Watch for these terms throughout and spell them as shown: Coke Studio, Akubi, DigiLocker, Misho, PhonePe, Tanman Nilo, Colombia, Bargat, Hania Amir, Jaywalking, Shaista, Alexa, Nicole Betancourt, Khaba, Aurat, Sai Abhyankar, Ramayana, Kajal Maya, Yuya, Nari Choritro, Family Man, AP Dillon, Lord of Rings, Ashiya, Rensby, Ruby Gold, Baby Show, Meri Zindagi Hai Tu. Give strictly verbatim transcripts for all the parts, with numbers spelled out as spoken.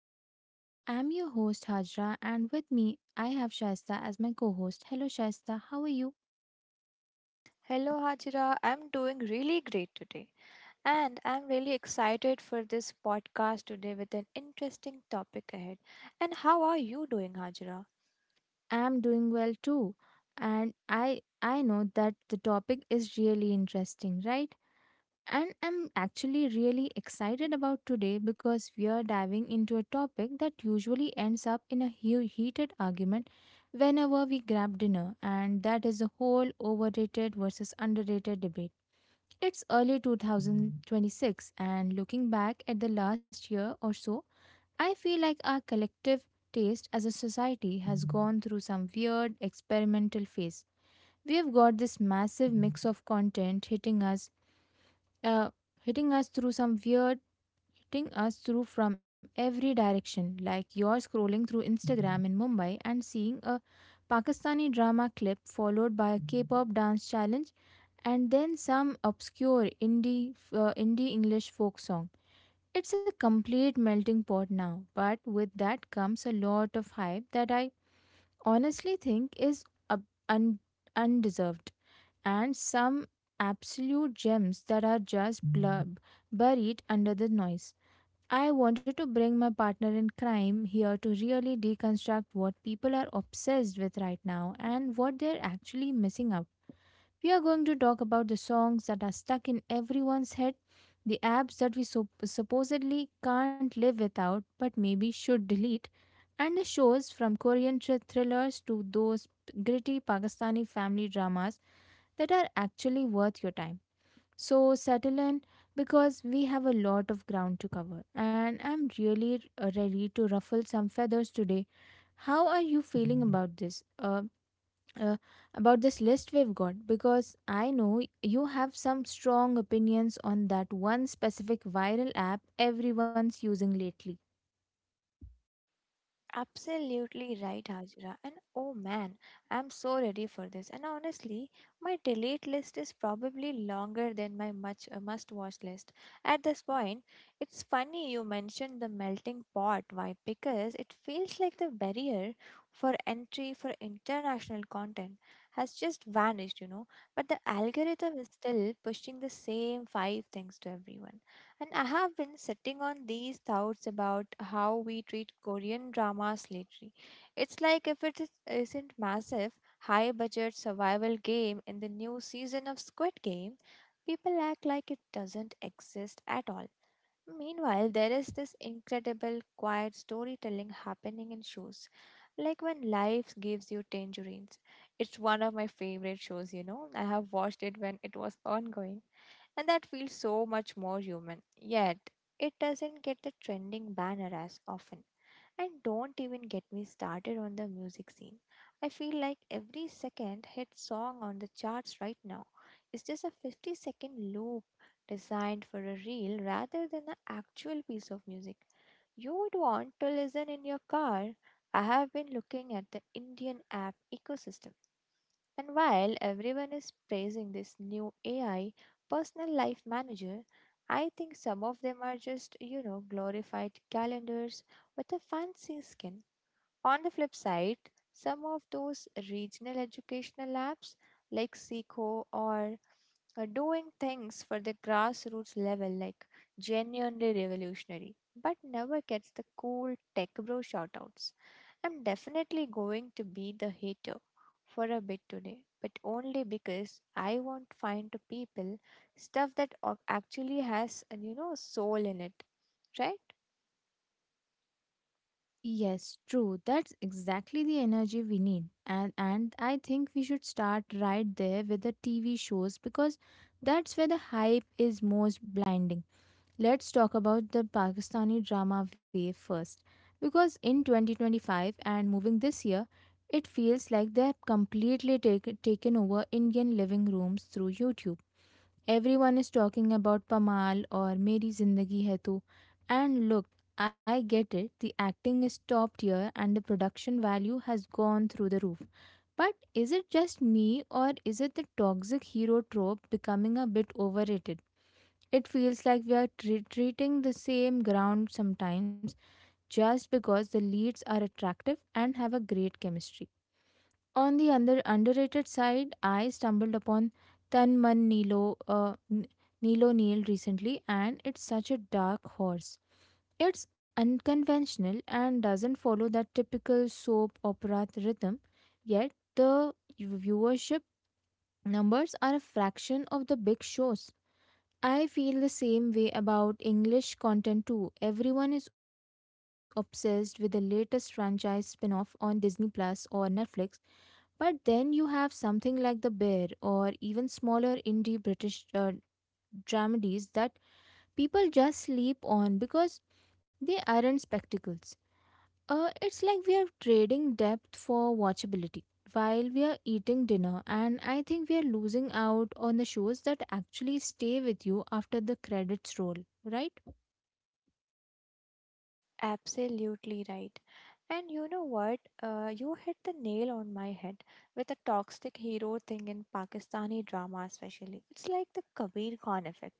back to our show. I'm your host Hajra and with me I have Shaista as my co-host. Hello Shaista, how are you? Hello, Hajira. I'm doing really great today, and I'm really excited for this podcast today with an interesting topic ahead. And how are you doing, Hajira? I'm doing well too. And I I know that the topic is really interesting, right? And I'm actually really excited about today because we are diving into a topic that usually ends up in a hu- heated argument whenever we grab dinner, and that is the whole overrated versus underrated debate. It's early two thousand twenty-six, and looking back at the last year or so, I feel like our collective taste as a society has gone through some weird experimental phase. We have got this massive mix of content hitting us, uh, hitting us through some weird, hitting us through from every direction. Like you're scrolling through Instagram in Mumbai and seeing a Pakistani drama clip followed by a K-pop dance challenge and then some obscure indie uh, indie English folk song. It's a complete melting pot now, but with that comes a lot of hype that I honestly think is uh, un- undeserved, and some absolute gems that are just blurb buried under the noise. I wanted to bring my partner in crime here to really deconstruct what people are obsessed with right now and what they're actually missing out. We are going to talk about the songs that are stuck in everyone's head, the apps that we so- supposedly can't live without but maybe should delete, and the shows from Korean thr- thrillers to those gritty Pakistani family dramas that are actually worth your time. So settle in because we have a lot of ground to cover, and I'm really uh, ready to ruffle some feathers today. How are you feeling about this? Uh, uh, about this list we've got, because I know you have some strong opinions on that one specific viral app everyone's using lately. Absolutely right, Hajra. And oh man, I'm so ready for this. And honestly, my delete list is probably longer than my much uh, must-watch list. At this point, it's funny you mentioned the melting pot. Why? Because it feels like the barrier for entry for international content has just vanished, you know. But the algorithm is still pushing the same five things to everyone. And I have been sitting on these thoughts about how we treat Korean dramas lately. It's like if it is- isn't massive, high budget survival game in the new season of Squid Game, people act like it doesn't exist at all. Meanwhile, there is this incredible quiet storytelling happening in shows, like When Life Gives You Tangerines. It's one of my favorite shows, you know. I have watched it when it was ongoing and that feels so much more human. Yet, it doesn't get the trending banner as often. And don't even get me started on the music scene. I feel like every second hit song on the charts right now is just a fifty second loop designed for a reel rather than an actual piece of music you would want to listen in your car. I have been looking at the Indian app ecosystem and while everyone is praising this new A I personal life manager, I think some of them are just, you know, glorified calendars with a fancy skin. On the flip side, some of those regional educational apps like Seeko or uh, doing things for the grassroots level like genuinely revolutionary but never gets the cool tech bro shoutouts. I'm definitely going to be the hater for a bit today, but only because I want to find to people stuff that o- actually has uh, you know soul in it, right? Yes, true. That's exactly the energy we need. And and I think we should start right there with the T V shows because that's where the hype is most blinding. Let's talk about the Pakistani drama wave first. Because in twenty twenty-five and moving this year, it feels like they have completely take, taken over Indian living rooms through YouTube. Everyone is talking about Pamal or Meri Zindagi Hai Tu. And look, I get it, the acting is top tier and the production value has gone through the roof. But is it just me, or is it the toxic hero trope becoming a bit overrated? It feels like we are tre- treating the same ground sometimes just because the leads are attractive and have a great chemistry. On the under- underrated side, I stumbled upon Tanman Nilo, uh, N- Nilo Neil recently, and it's such a dark horse. It's unconventional and doesn't follow that typical soap opera rhythm, yet the viewership numbers are a fraction of the big shows. I feel the same way about English content too. Everyone is obsessed with the latest franchise spin-off on Disney Plus or Netflix, but then you have something like The Bear or even smaller indie British uh, dramedies that people just sleep on because they aren't spectacles. Uh, it's like we are trading depth for watchability while we are eating dinner, and I think we are losing out on the shows that actually stay with you after the credits roll, right? Absolutely right. And you know what? Uh, you hit the nail on my head with the toxic hero thing in Pakistani drama, especially. It's like the Kabir Khan effect,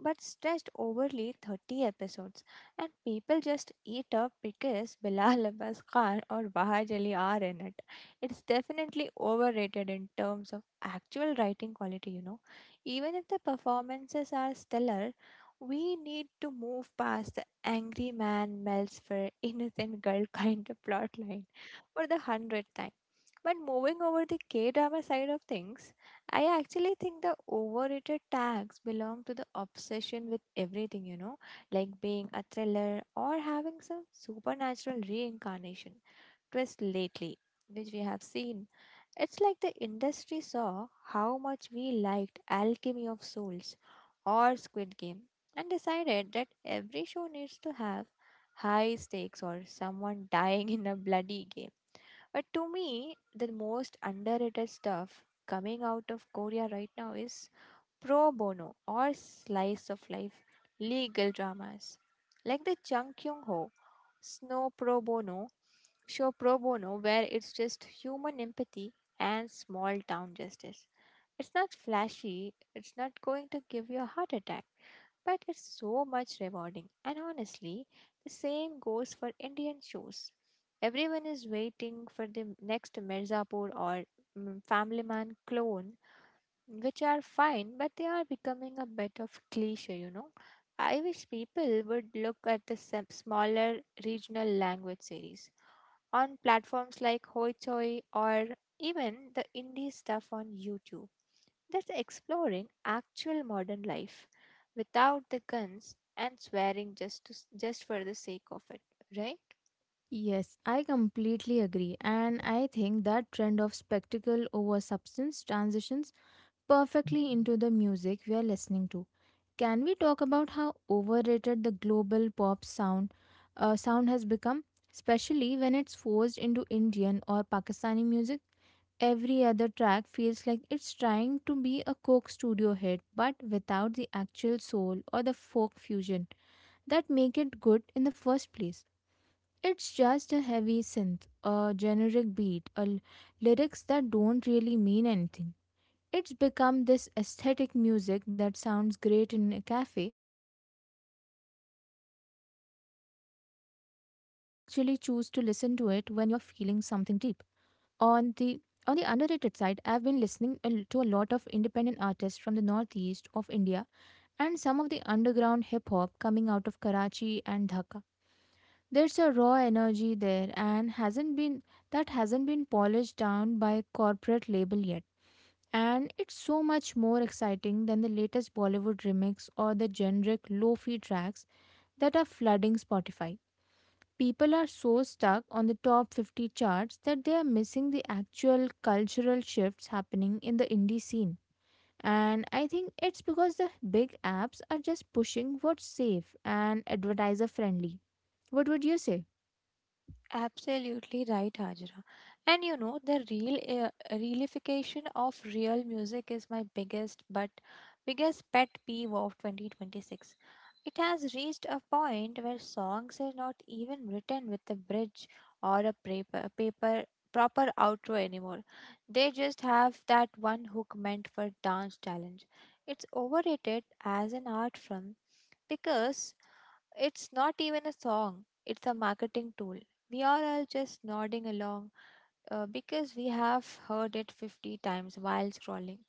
but stretched overly thirty episodes. And people just eat up because Bilal Abbas Khan or Bahaj Ali are in it. It's definitely overrated in terms of actual writing quality, you know. Even if the performances are stellar, we need to move past the angry man melts for innocent girl kind of plotline for the hundredth time. But moving over the K drama side of things, I actually think the overrated tags belong to the obsession with everything, you know, like being a thriller or having some supernatural reincarnation twist lately, which we have seen it's like the industry saw how much we liked Alchemy of Souls or Squid Game and decided that every show needs to have high stakes or someone dying in a bloody game. But to me, the most underrated stuff coming out of Korea right now is pro bono or slice of life legal dramas like the Chung Kyung Ho Snow Pro Bono show pro bono where it's just human empathy and small town justice. It's not flashy, it's not going to give you a heart attack, but it's so much rewarding. And honestly, the same goes for Indian shows. Everyone is waiting for the next Mirzapur or mm, Family Man clone which are fine, but they are becoming a bit of cliche, you know. I wish people would look at the sem- smaller regional language series on platforms like Hoichoi or even the indie stuff on YouTube that's exploring actual modern life without the guns and swearing just to, s- just for the sake of it, right? Yes, I completely agree, and I think that trend of spectacle over substance transitions perfectly into the music we are listening to. Can we talk about how overrated the global pop sound uh, sound has become, especially when it's forced into Indian or Pakistani music? Every other track feels like it's trying to be a Coke studio hit, but without the actual soul or the folk fusion that make it good in the first place. It's just a heavy synth, a generic beat, a l- lyrics that don't really mean anything. It's become this aesthetic music that sounds great in a cafe, but you don't actually choose to listen to it when you're feeling something deep. on the on the underrated side, I've been listening a l- to a lot of independent artists from the northeast of India, and some of the underground hip hop coming out of Karachi and Dhaka. There's a raw energy there and hasn't been that hasn't been polished down by corporate label yet, and it's so much more exciting than the latest Bollywood remix or the generic lo-fi tracks that are flooding Spotify. People are so stuck on the top fifty charts that they are missing the actual cultural shifts happening in the indie scene. And I think it's because the big apps are just pushing what's safe and advertiser friendly. What would you say? Absolutely right, Hajra. And you know, the real uh, realification of real music is my biggest but biggest pet peeve of twenty twenty-six. It has reached a point where songs are not even written with a bridge or a paper, paper proper outro anymore. They just have that one hook meant for dance challenge. It's overrated as an art form because it's not even a song, it's a marketing tool. We are all just nodding along uh, because we have heard it fifty times while scrolling.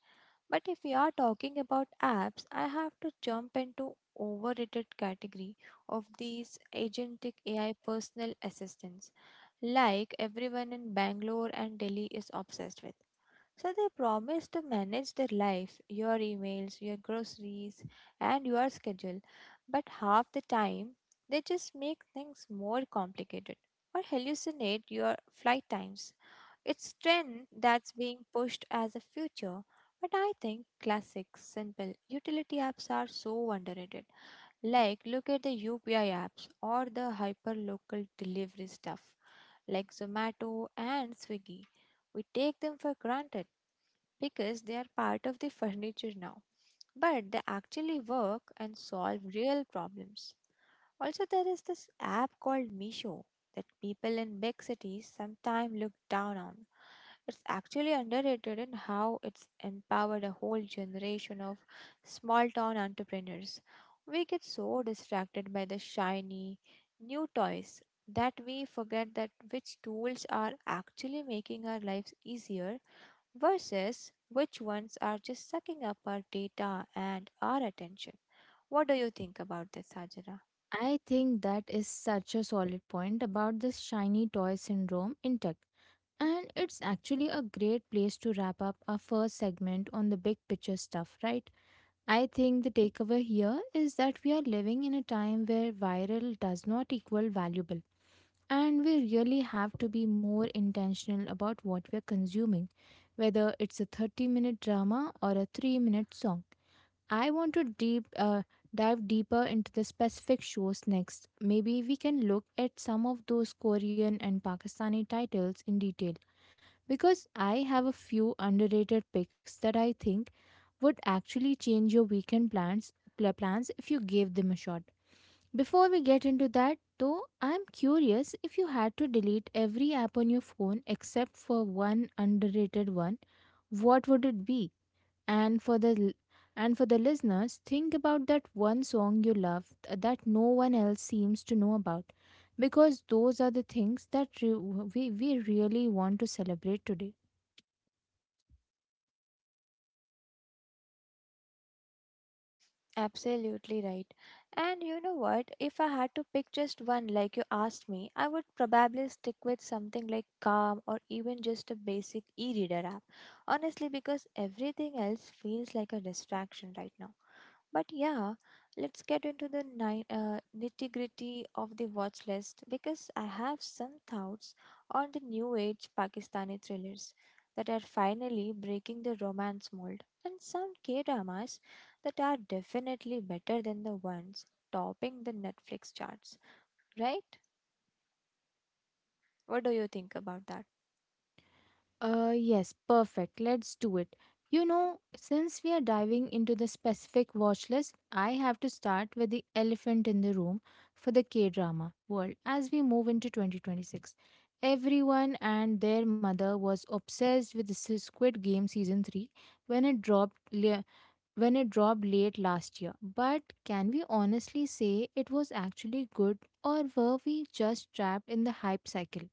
But if we are talking about apps, I have to jump into overrated category of these agentic A I personal assistants like everyone in Bangalore and Delhi is obsessed with. So they promise to manage their life, your emails, your groceries, and your schedule. But half the time, they just make things more complicated or hallucinate your flight times. It's trend that's being pushed as a future, but I think classic, simple utility apps are so underrated. Like look at the U P I apps or the hyperlocal delivery stuff like Zomato and Swiggy. We take them for granted because they are part of the furniture now, but they actually work and solve real problems. Also, there is this app called Misho that people in big cities sometimes look down on. It's actually underrated in how it's empowered a whole generation of small town entrepreneurs. We get so distracted by the shiny new toys that we forget that which tools are actually making our lives easier versus which ones are just sucking up our data and our attention. What do you think about this, Hajara? I think that is such a solid point about this shiny toy syndrome in tech. And it's actually a great place to wrap up our first segment on the big picture stuff, right? I think the takeaway here is that we are living in a time where viral does not equal valuable, and we really have to be more intentional about what we're consuming, whether it's a thirty minute drama or a three minute song. I want to deep, uh, dive deeper into the specific shows next. Maybe we can look at some of those Korean and Pakistani titles in detail because I have a few underrated picks that I think would actually change your weekend plans pl- plans if you gave them a shot. Before we get into that, though, I'm curious, if you had to delete every app on your phone except for one underrated one, what would it be? And for the l- and for the listeners, think about that one song you love th- that no one else seems to know about, because those are the things that re- we, we really want to celebrate today. Absolutely right. And you know what? If I had to pick just one, like you asked me, I would probably stick with something like Calm or even just a basic e reader app. Honestly, because everything else feels like a distraction right now. But yeah, let's get into the ni- uh, nitty gritty of the watch list because I have some thoughts on the new age Pakistani thrillers that are finally breaking the romance mold and some K dramas that are definitely better than the ones topping the Netflix charts, right? What do you think about that? Uh, yes, perfect. Let's do it. You know, since we are diving into the specific watch list, I have to start with the elephant in the room for the K drama world as we move into twenty twenty-six. Everyone and their mother was obsessed with the Squid Game season three when it dropped le- when it dropped late last year. But can we honestly say it was actually good, or were we just trapped in the hype cycle?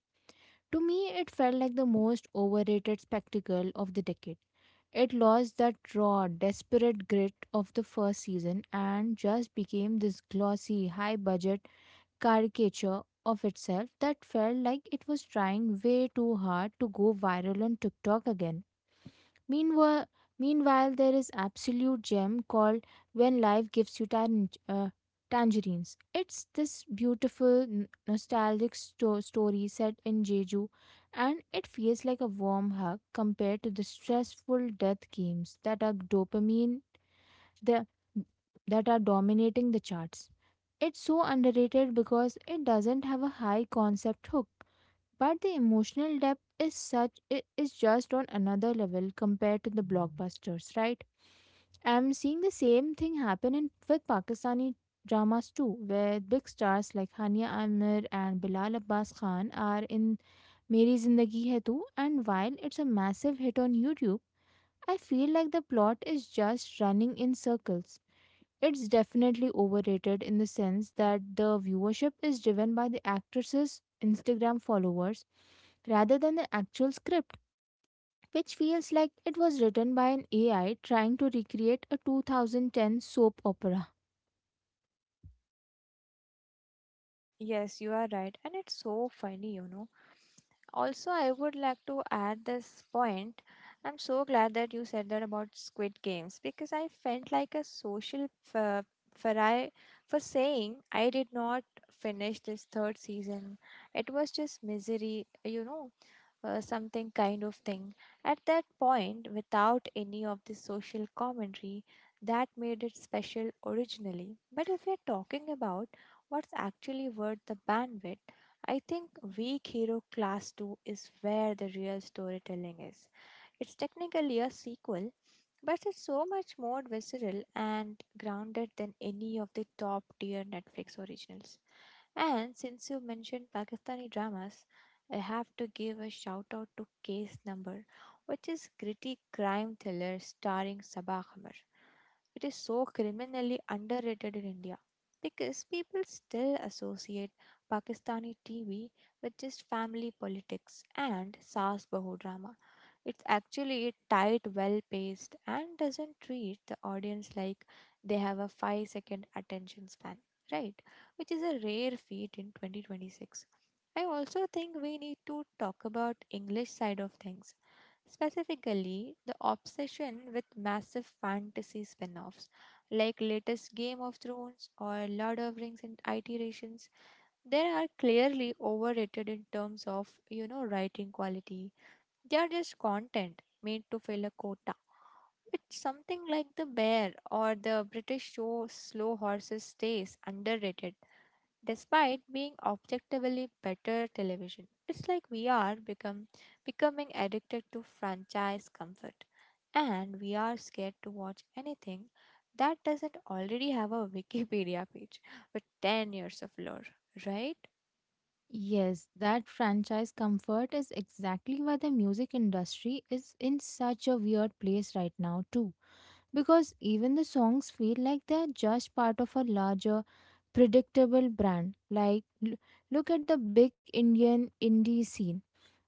To me, it felt like the most overrated spectacle of the decade. It lost that raw, desperate grit of the first season and just became this glossy, high budget caricature of itself that felt like it was trying way too hard to go viral on TikTok again. Meanwhile, Meanwhile, there is absolute gem called "When Life Gives You Tan- uh, Tangerines." It's this beautiful n- nostalgic sto- story set in Jeju, and it feels like a warm hug compared to the stressful death games that are dopamine the that are dominating the charts. It's so underrated because it doesn't have a high concept hook. But the emotional depth is such, it is just on another level compared to the blockbusters, right? I'm seeing the same thing happen in with Pakistani dramas too, where big stars like Hania Amir and Bilal Abbas Khan are in Meri Zindagi Hai Tu, and while it's a massive hit on YouTube, I feel like the plot is just running in circles. It's definitely overrated in the sense that the viewership is driven by the actress's Instagram followers rather than the actual script, which feels like it was written by an A I trying to recreate a two thousand ten soap opera. Yes, you are right, and it's so funny, you know. Also, I would like to add this point. I'm so glad that you said that about Squid Games because I felt like a social f- for I for saying I did not finish this third season. It was just misery, you know uh, something kind of thing. At that point, without any of the social commentary, that made it special originally. But if we are talking about what's actually worth the bandwidth, I think Weak Hero Class two is where the real storytelling is. It's technically a sequel, but it's so much more visceral and grounded than any of the top tier Netflix originals. And since you mentioned Pakistani dramas, I have to give a shout out to Case Number, which is gritty crime thriller starring Sabah Hamir. It is so criminally underrated in India because people still associate Pakistani T V with just family politics and Saas Bahu drama. It's actually tight, well paced, and doesn't treat the audience like they have a five second attention span, right? Which is a rare feat in twenty twenty-six. I also think we need to talk about English side of things, specifically the obsession with massive fantasy spin-offs like latest Game of Thrones or Lord of Rings and iterations. They are clearly overrated in terms of, you know, writing quality they are just content made to fill a quota. It's something like the bear or the British show Slow Horses Stays underrated despite being objectively better television. It's like we are become becoming addicted to franchise comfort and we are scared to watch anything that doesn't already have a Wikipedia page with ten years of lore, right? Yes, that franchise comfort is exactly why the music industry is in such a weird place right now, too. Because even the songs feel like they're just part of a larger predictable brand. Like l- look at the big Indian indie scene.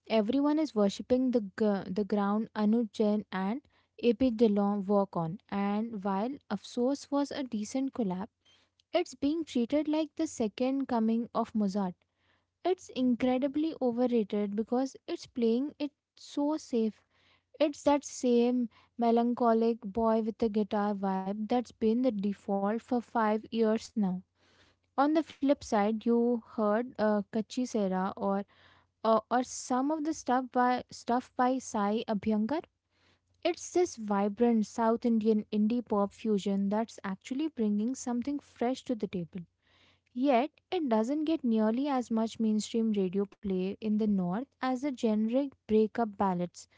Everyone is worshipping the gr- the ground Anuj Jain and AP dillon work on, and while Afsos was a decent collab, it's being treated like the second coming of Mozart. It's incredibly overrated because it's playing it so safe. It's that same melancholic boy with a guitar vibe that's been the default for five years now. On the flip side, you heard uh, Kachi Sera, or uh, or some of the stuff by stuff by Sai Abhyankar. It's this vibrant South Indian indie pop fusion that's actually bringing something fresh to the table. Yet, it doesn't get nearly as much mainstream radio play in the north as the generic breakup ballads.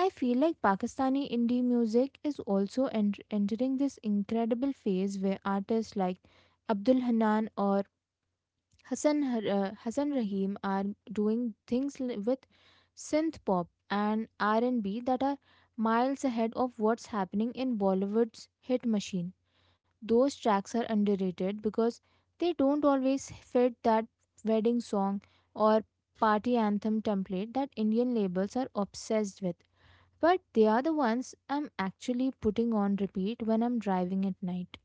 I feel like Pakistani indie music is also en- entering this incredible phase where artists like Abdul Hanan or Hassan Har- uh, Hassan Rahim are doing things li- with synth pop and R and B that are miles ahead of what's happening in Bollywood's hit machine. Those tracks are underrated because they don't always fit that wedding song or party anthem template that Indian labels are obsessed with. But they are the ones I'm actually putting on repeat when I'm driving at night.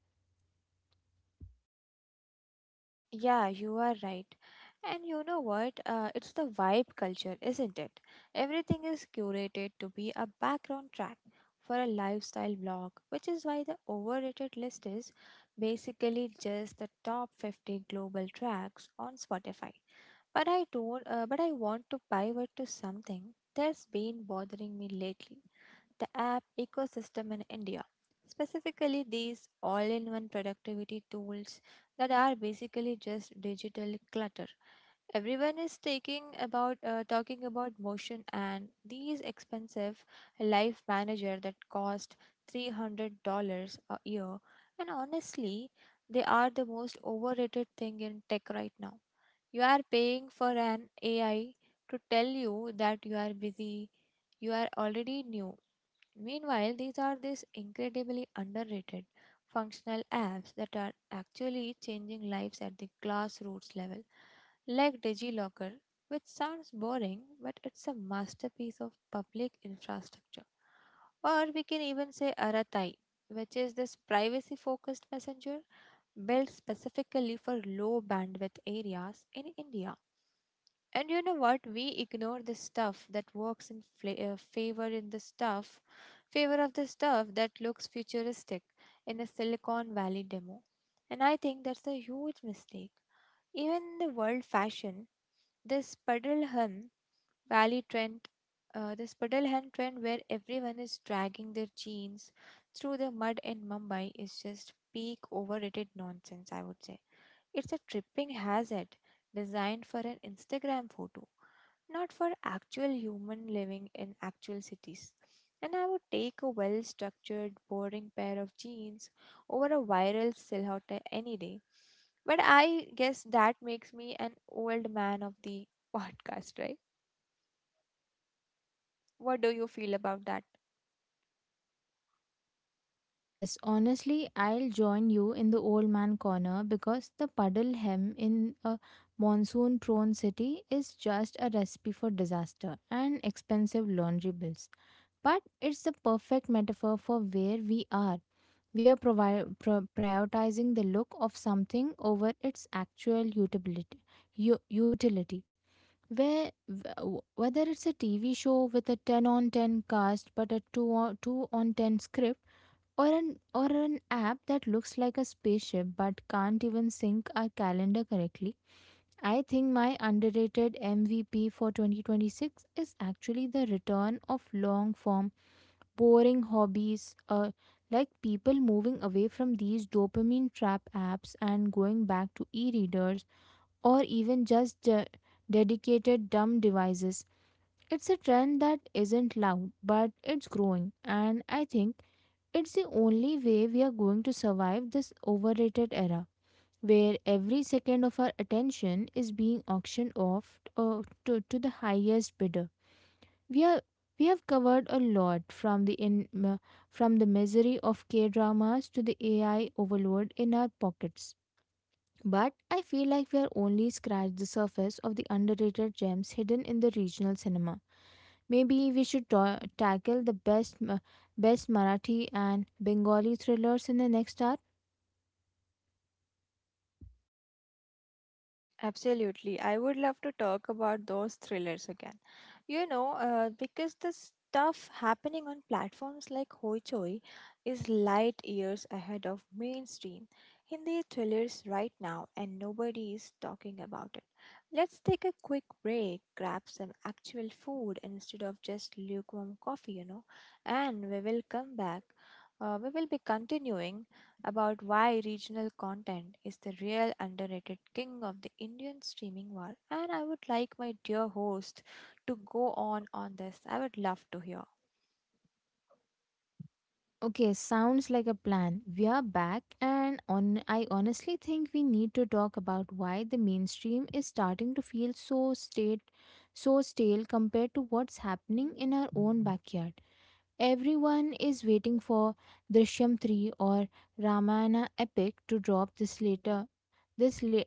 Yeah, you are right. And you know what? Uh, it's the vibe culture, isn't it? Everything is curated to be a background track for a lifestyle blog, which is why the overrated list is basically just the top fifty global tracks on Spotify. But I don't. Uh, but I want to pivot to something that's been bothering me lately, the app ecosystem in India, specifically these all in one productivity tools that are basically just digital clutter. Everyone is taking about uh, talking about motion and these expensive life manager that cost three hundred dollars a year and honestly they are the most overrated thing in tech right now. You are paying for an A I to tell you that you are busy, you are already new. Meanwhile, these are these incredibly underrated functional apps that are actually changing lives at the grassroots level, like DigiLocker, which sounds boring but it's a masterpiece of public infrastructure. Or we can even say Aratai, which is this privacy focused messenger built specifically for low bandwidth areas in India. And you know what? We ignore the stuff that works in fla- uh, favor in the stuff, favor of the stuff that looks futuristic in a Silicon Valley demo. And I think that's a huge mistake. Even in the world fashion, this Puddlehem Valley trend, uh, this Puddlehem trend where everyone is dragging their jeans through the mud in Mumbai is just peak overrated nonsense, I would say. It's a tripping hazard designed for an Instagram photo, not for actual human living in actual cities. And I would take a well structured, boring pair of jeans over a viral silhouette any day. But I guess that makes me an old man of the podcast, right? What do you feel about that? Yes, honestly, I'll join you in the old man corner because the puddle hem in a monsoon prone city is just a recipe for disaster and expensive laundry bills. But it's the perfect metaphor for where we are. We are provi- pro- prioritizing the look of something over its actual utility. u- utility. Where w- whether it's a T V show with a ten on ten cast but a two on, two on ten script or an or an app that looks like a spaceship but can't even sync our calendar correctly. I think my underrated M V P for twenty twenty-six is actually the return of long form boring hobbies, uh, like people moving away from these dopamine trap apps and going back to e-readers or even just uh, dedicated dumb devices. It's a trend that isn't loud, but it's growing, and I think it's the only way we are going to survive this overrated era where every second of our attention is being auctioned off, uh, to, to the highest bidder. We are we have covered a lot from the in, m- from the misery of K-dramas to the A I overload in our pockets. But I feel like we are only scratched the surface of the underrated gems hidden in the regional cinema. Maybe we should ta- tackle the best Ma- best Marathi and Bengali thrillers in the next hour. Absolutely. I would love to talk about those thrillers again. You know, uh, because the stuff happening on platforms like Hoichoi is light years ahead of mainstream Hindi thrillers right now, and nobody is talking about it. Let's take a quick break, grab some actual food instead of just lukewarm coffee, you know, and we will come back. Uh, we will be continuing about why regional content is the real underrated king of the Indian streaming war, and I would like my dear host to go on on this. I would love to hear. Okay, sounds like a plan. We are back, and on, I honestly think we need to talk about why the mainstream is starting to feel so state so stale compared to what's happening in our own backyard. Everyone is waiting for Drishyam three or Ramayana epic to drop this later. This la-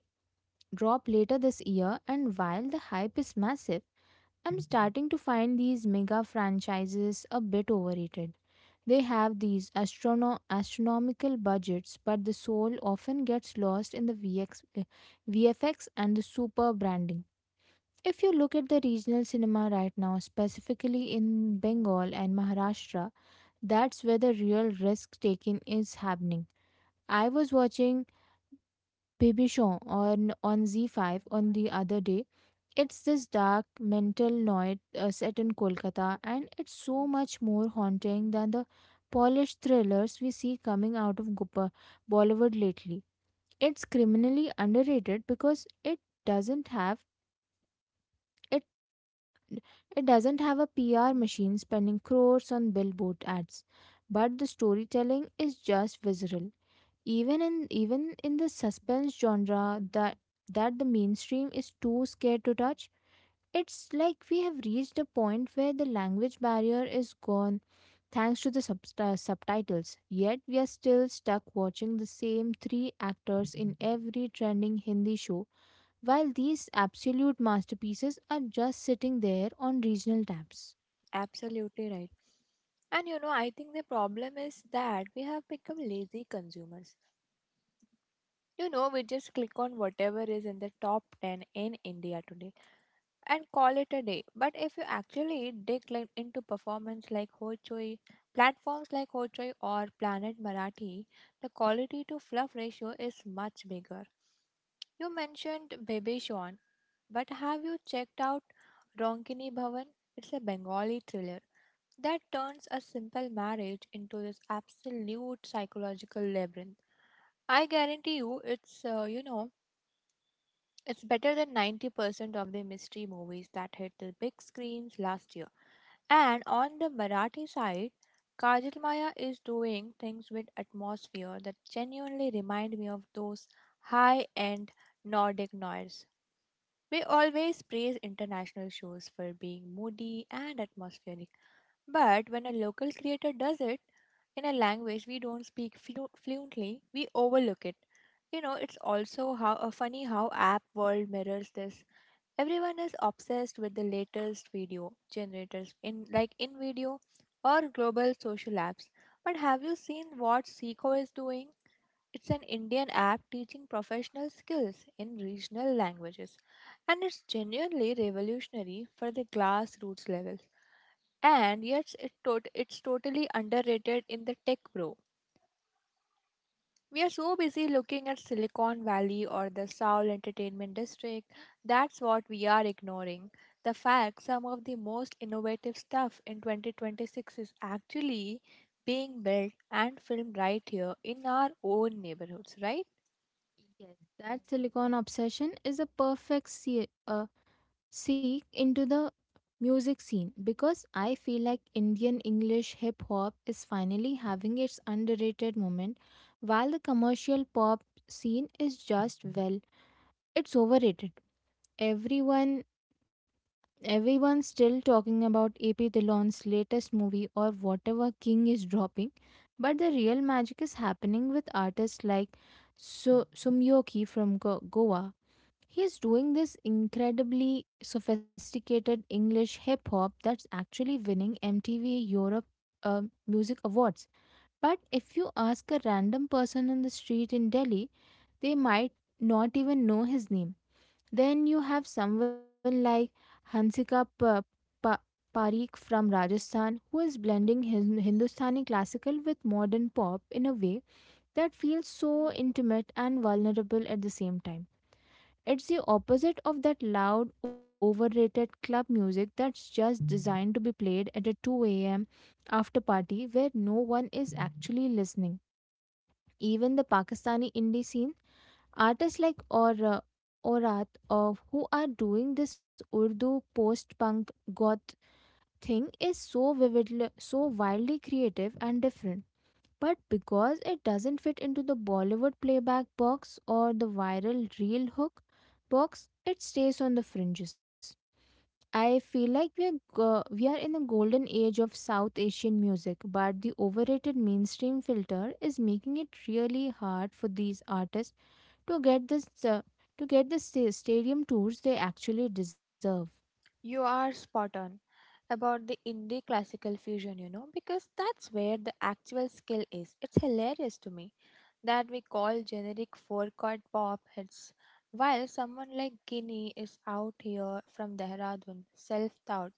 drop later this year. And while the hype is massive, I'm starting to find these mega franchises a bit overrated. They have these astrono- astronomical budgets, but the soul often gets lost in the V X- eh, V F X and the super branding. If you look at the regional cinema right now, specifically in Bengal and Maharashtra, that's where the real risk taking is happening. I was watching Baby Show on, on Z five on the other day. It's this dark mental noir, uh, set in Kolkata, and it's so much more haunting than the polished thrillers we see coming out of Gupa Bollywood lately. It's criminally underrated because it doesn't have it it doesn't have a P R machine spending crores on billboard ads, but the storytelling is just visceral. Even in even in the suspense genre that that the mainstream is too scared to touch. It's like we have reached a point where the language barrier is gone thanks to the subst- uh, subtitles, yet we are still stuck watching the same three actors in every trending Hindi show, while these absolute masterpieces are just sitting there on regional tabs. Absolutely right. And you know, I think the problem is that we have become lazy consumers. You know, we just click on whatever is in the top ten in India today and call it a day. But if you actually dig like into performance like Hoichoi, platforms like Hoichoi or Planet Marathi, the quality to fluff ratio is much bigger. You mentioned Baby Sean, but have you checked out Ronkini Bhavan? It's a Bengali thriller that turns a simple marriage into this absolute psychological labyrinth. I guarantee you, it's, uh, you know, it's better than ninety percent of the mystery movies that hit the big screens last year. And on the Marathi side, Kajal Maya is doing things with atmosphere that genuinely remind me of those high end Nordic noirs. We always praise international shows for being moody and atmospheric, but when a local creator does it in a language we don't speak flu- fluently, we overlook it. You know, it's also how uh, funny how app world mirrors this. Everyone is obsessed with the latest video generators in like in video or global social apps. But have you seen what Seiko is doing? It's an Indian app teaching professional skills in regional languages, and it's genuinely revolutionary for the grassroots level. And yet, it tot- it's totally underrated in the tech bro. We are so busy looking at Silicon Valley or the Seoul Entertainment District, that's what we are ignoring. The fact some of the most innovative stuff in twenty twenty-six is actually being built and filmed right here in our own neighborhoods, right? Yes, that silicon obsession is a perfect se- uh, seek into the music scene, because I feel like Indian English hip hop is finally having its underrated moment while the commercial pop scene is just, well, it's overrated. Everyone everyone's still talking about A P Dillon's latest movie or whatever king is dropping, but the real magic is happening with artists like so Sumyoki from Go- Goa. He is doing this incredibly sophisticated English hip hop that's actually winning M T V Europe, uh, Music Awards. But if you ask a random person on the street in Delhi, they might not even know his name. Then you have someone like Hansika pa- Pa- Parikh from Rajasthan, who is blending his Hindustani classical with modern pop in a way that feels so intimate and vulnerable at the same time. It's the opposite of that loud, overrated club music that's just designed to be played at a two a m after party where no one is actually listening. Even the Pakistani indie scene, artists like Aur, Aurat of, who are doing this Urdu post-punk goth thing, is so vividly, so wildly creative and different. But because it doesn't fit into the Bollywood playback box or the viral reel hook box, it stays on the fringes. I feel like we are go- we are in the golden age of South Asian music, but the overrated mainstream filter is making it really hard for these artists to get this uh, to get the sta- stadium tours they actually deserve. You are spot on about the indie classical fusion, you know, because that's where the actual skill is. It's hilarious to me that we call generic four chord pop hits, while someone like Guinea is out here from Dehradun, self taught,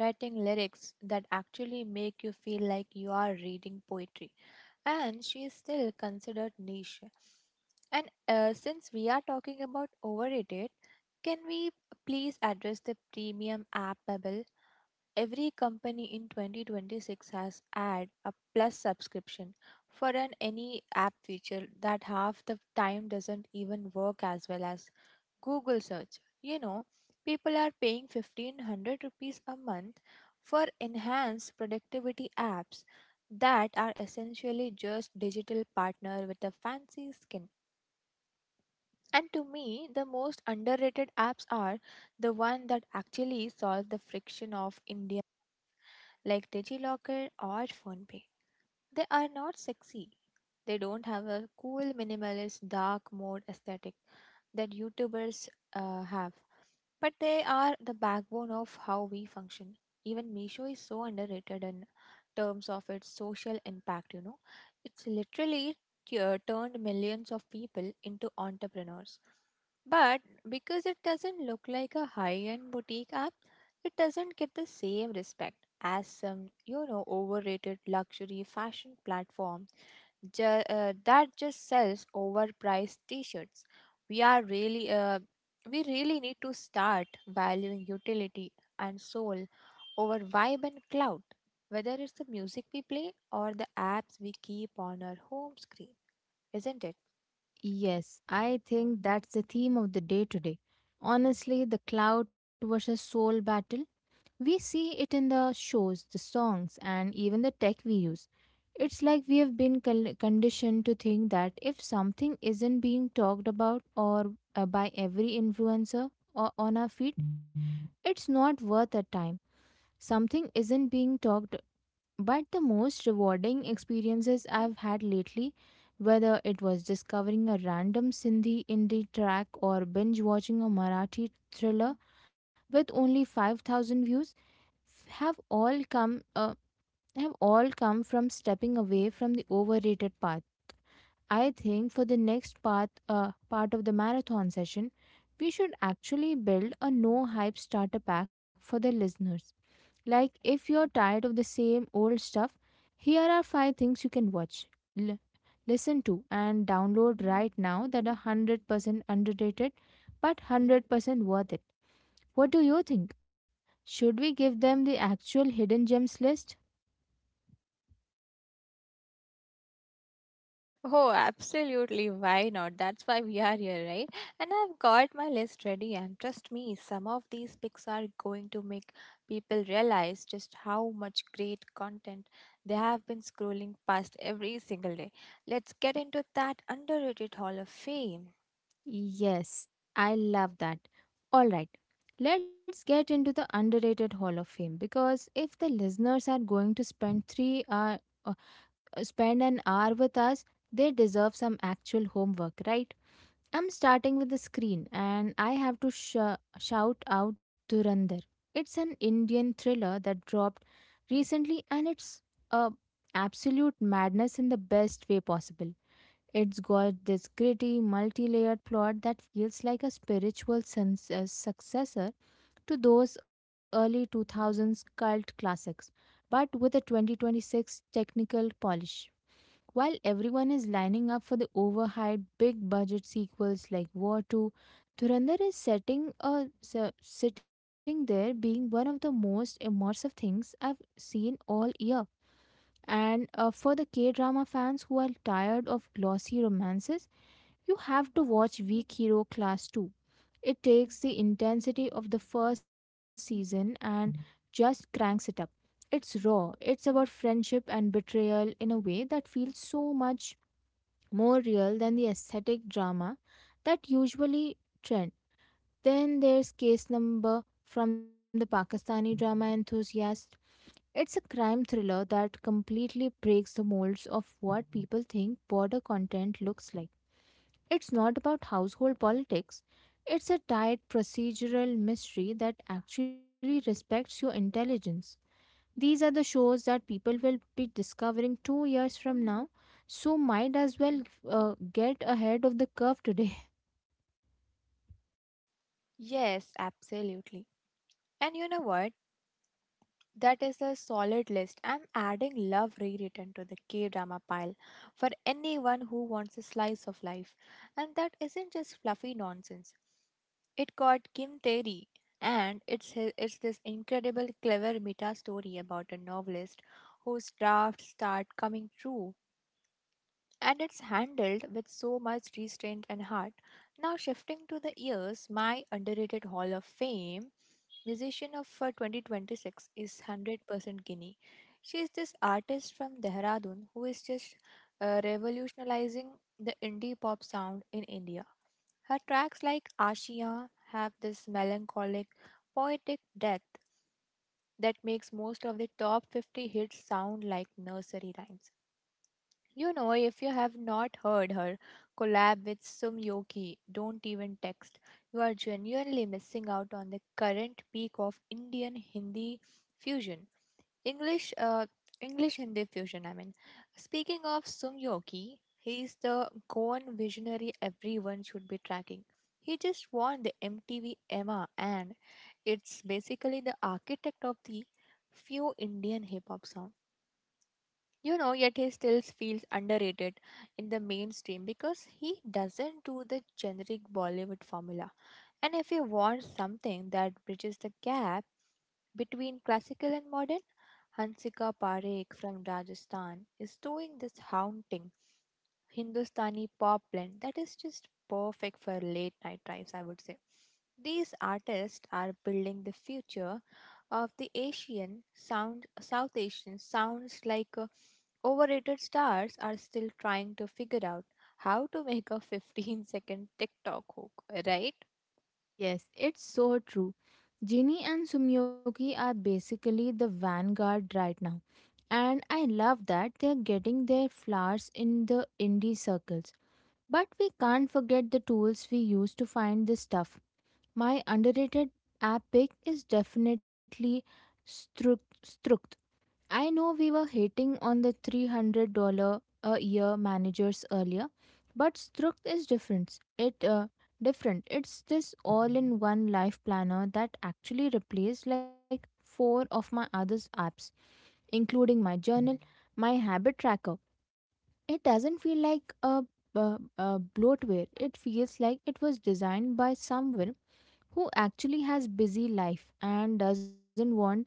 writing lyrics that actually make you feel like you are reading poetry, and she is still considered niche. And uh, Since we are talking about overrated, can we please address the premium app bubble? Every company in twenty twenty-six has add a plus subscription for an any app feature that half the time doesn't even work as well as Google search. You know, people are paying fifteen hundred rupees a month for enhanced productivity apps that are essentially just digital partner with a fancy skin. And to me, the most underrated apps are the one that actually solve the friction of India like DigiLocker or PhonePe. They are not sexy. They don't have a cool minimalist dark mode aesthetic that YouTubers uh, have. But they are the backbone of how we function. Even Meesho is so underrated in terms of its social impact, you know. It's literally tu- turned millions of people into entrepreneurs. But because it doesn't look like a high end boutique app, it doesn't get the same respect as some, you know, overrated luxury fashion platform ju- uh, that just sells overpriced t-shirts. We are really uh, we really need to start valuing utility and soul over vibe and clout, whether it's the music we play or the apps we keep on our home screen, isn't it? Yes, I think that's the theme of the day today. Honestly, the cloud versus soul battle. We see it in the shows, the songs, and even the tech we use. It's like we have been col- conditioned to think that if something isn't being talked about, or uh, by every influencer or on our feed, it's not worth the time. Something isn't being talked, but the most rewarding experiences I've had lately, whether it was discovering a random Sindhi indie track or binge watching a Marathi thriller with only five thousand views, have all come uh, have all come from stepping away from the overrated path. I think for the next part uh, part of the marathon session, we should actually build a no hype starter pack for the listeners. Like, if you're tired of the same old stuff, here are five things you can watch, l- listen to, and download right now that are one hundred percent underrated, but one hundred percent worth it. What do you think? Should we give them the actual hidden gems list? Oh, absolutely. Why not? That's why we are here, right? And I've got my list ready, and trust me, some of these picks are going to make people realize just how much great content they have been scrolling past every single day. Let's get into that underrated Hall of Fame. Yes, I love that. All right, let's get into the underrated Hall of Fame, because if the listeners are going to spend three hour, uh, uh, spend an hour with us, they deserve some actual homework, right? I'm starting with the screen, and I have to sh- uh, shout out Durandar. It's an Indian thriller that dropped recently, and it's a absolute madness in the best way possible. It's got this gritty, multi layered plot that feels like a spiritual sens- uh, successor to those early two thousands cult classics, but with a twenty twenty-six technical polish. While everyone is lining up for the overhyped big budget sequels like War two, Dhurandhar is setting a, se- sitting there being one of the most immersive things I've seen all year. And uh, for the K drama fans who are tired of glossy romances, you have to watch Weak Hero Class two. It takes the intensity of the first season and just cranks it up. It's raw. It's about friendship and betrayal in a way that feels so much more real than the aesthetic drama that usually trend. Then there's Case Number from the Pakistani drama enthusiast. It's a crime thriller that completely breaks the molds of what people think border content looks like. It's not about household politics, it's a tight procedural mystery that actually respects your intelligence. These are the shows that people will be discovering two years from now, so might as well uh, get ahead of the curve today. Yes, absolutely. And you know what? That is a solid list. I'm adding Love Rewritten to the K drama pile for anyone who wants a slice of life. And that isn't just fluffy nonsense. It got Kim Tae Ri, and it's, hi- it's this incredible, clever meta story about a novelist whose drafts start coming true. And it's handled with so much restraint and heart. Now, shifting to the years, my underrated Hall of Fame musician of uh, twenty twenty-six is one hundred percent Guinea. She is this artist from Dehradun who is just uh, revolutionizing the indie pop sound in India. Her tracks like Ashiya have this melancholic, poetic depth that makes most of the top fifty hits sound like nursery rhymes. You know, if you have not heard her collab with Sum Yoki, don't even text. You are genuinely missing out on the current peak of Indian Hindi fusion. English, uh, English Hindi fusion, I mean. Speaking of Sum Yoki, he is the Goan visionary everyone should be tracking. He just won the M T V Emma, and it's basically the architect of the few Indian hip hop sound. You know, yet he still feels underrated in the mainstream because he doesn't do the generic Bollywood formula. And if you want something that bridges the gap between classical and modern, Hansika Parekh from Rajasthan is doing this haunting Hindustani pop blend that is just perfect for late night drives, I would say. These artists are building the future of the Asian sound South Asian sounds like uh, overrated stars are still trying to figure out how to make a fifteen second TikTok hook, right? Yes, it's so true. Ginny and Sumyoki are basically the vanguard right now, and I love that they're getting their flowers in the indie circles. But we can't forget the tools we use to find this stuff. My underrated app pick is definitely Struct. I know we were hating on the three hundred dollars a year managers earlier, but Struct is different. It uh, different. It's this all-in-one life planner that actually replaced like four of my other apps, including my journal, my habit tracker. It doesn't feel like a, a, a bloatware. It feels like it was designed by someone who actually has busy life and doesn't want an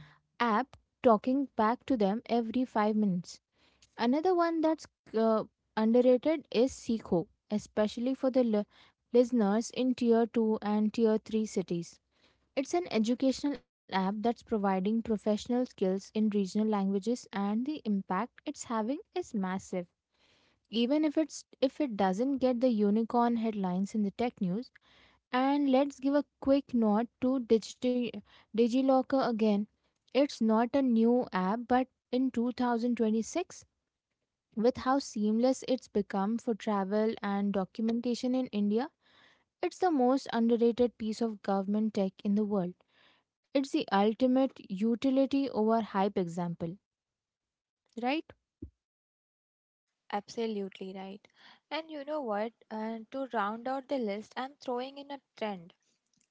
app talking back to them every five minutes. Another one that's uh, underrated is Seekho, especially for the l- listeners in tier two and tier three cities. It's an educational app that's providing professional skills in regional languages, and the impact it's having is massive, even if it's if it doesn't get the unicorn headlines in the tech news. And let's give a quick nod to Digiti- DigiLocker again. It's not a new app, but in two thousand twenty-six, with how seamless it's become for travel and documentation in India, it's the most underrated piece of government tech in the world. It's the ultimate utility over hype example, right? Absolutely right. And you know what? Uh, to round out the list, I'm throwing in a trend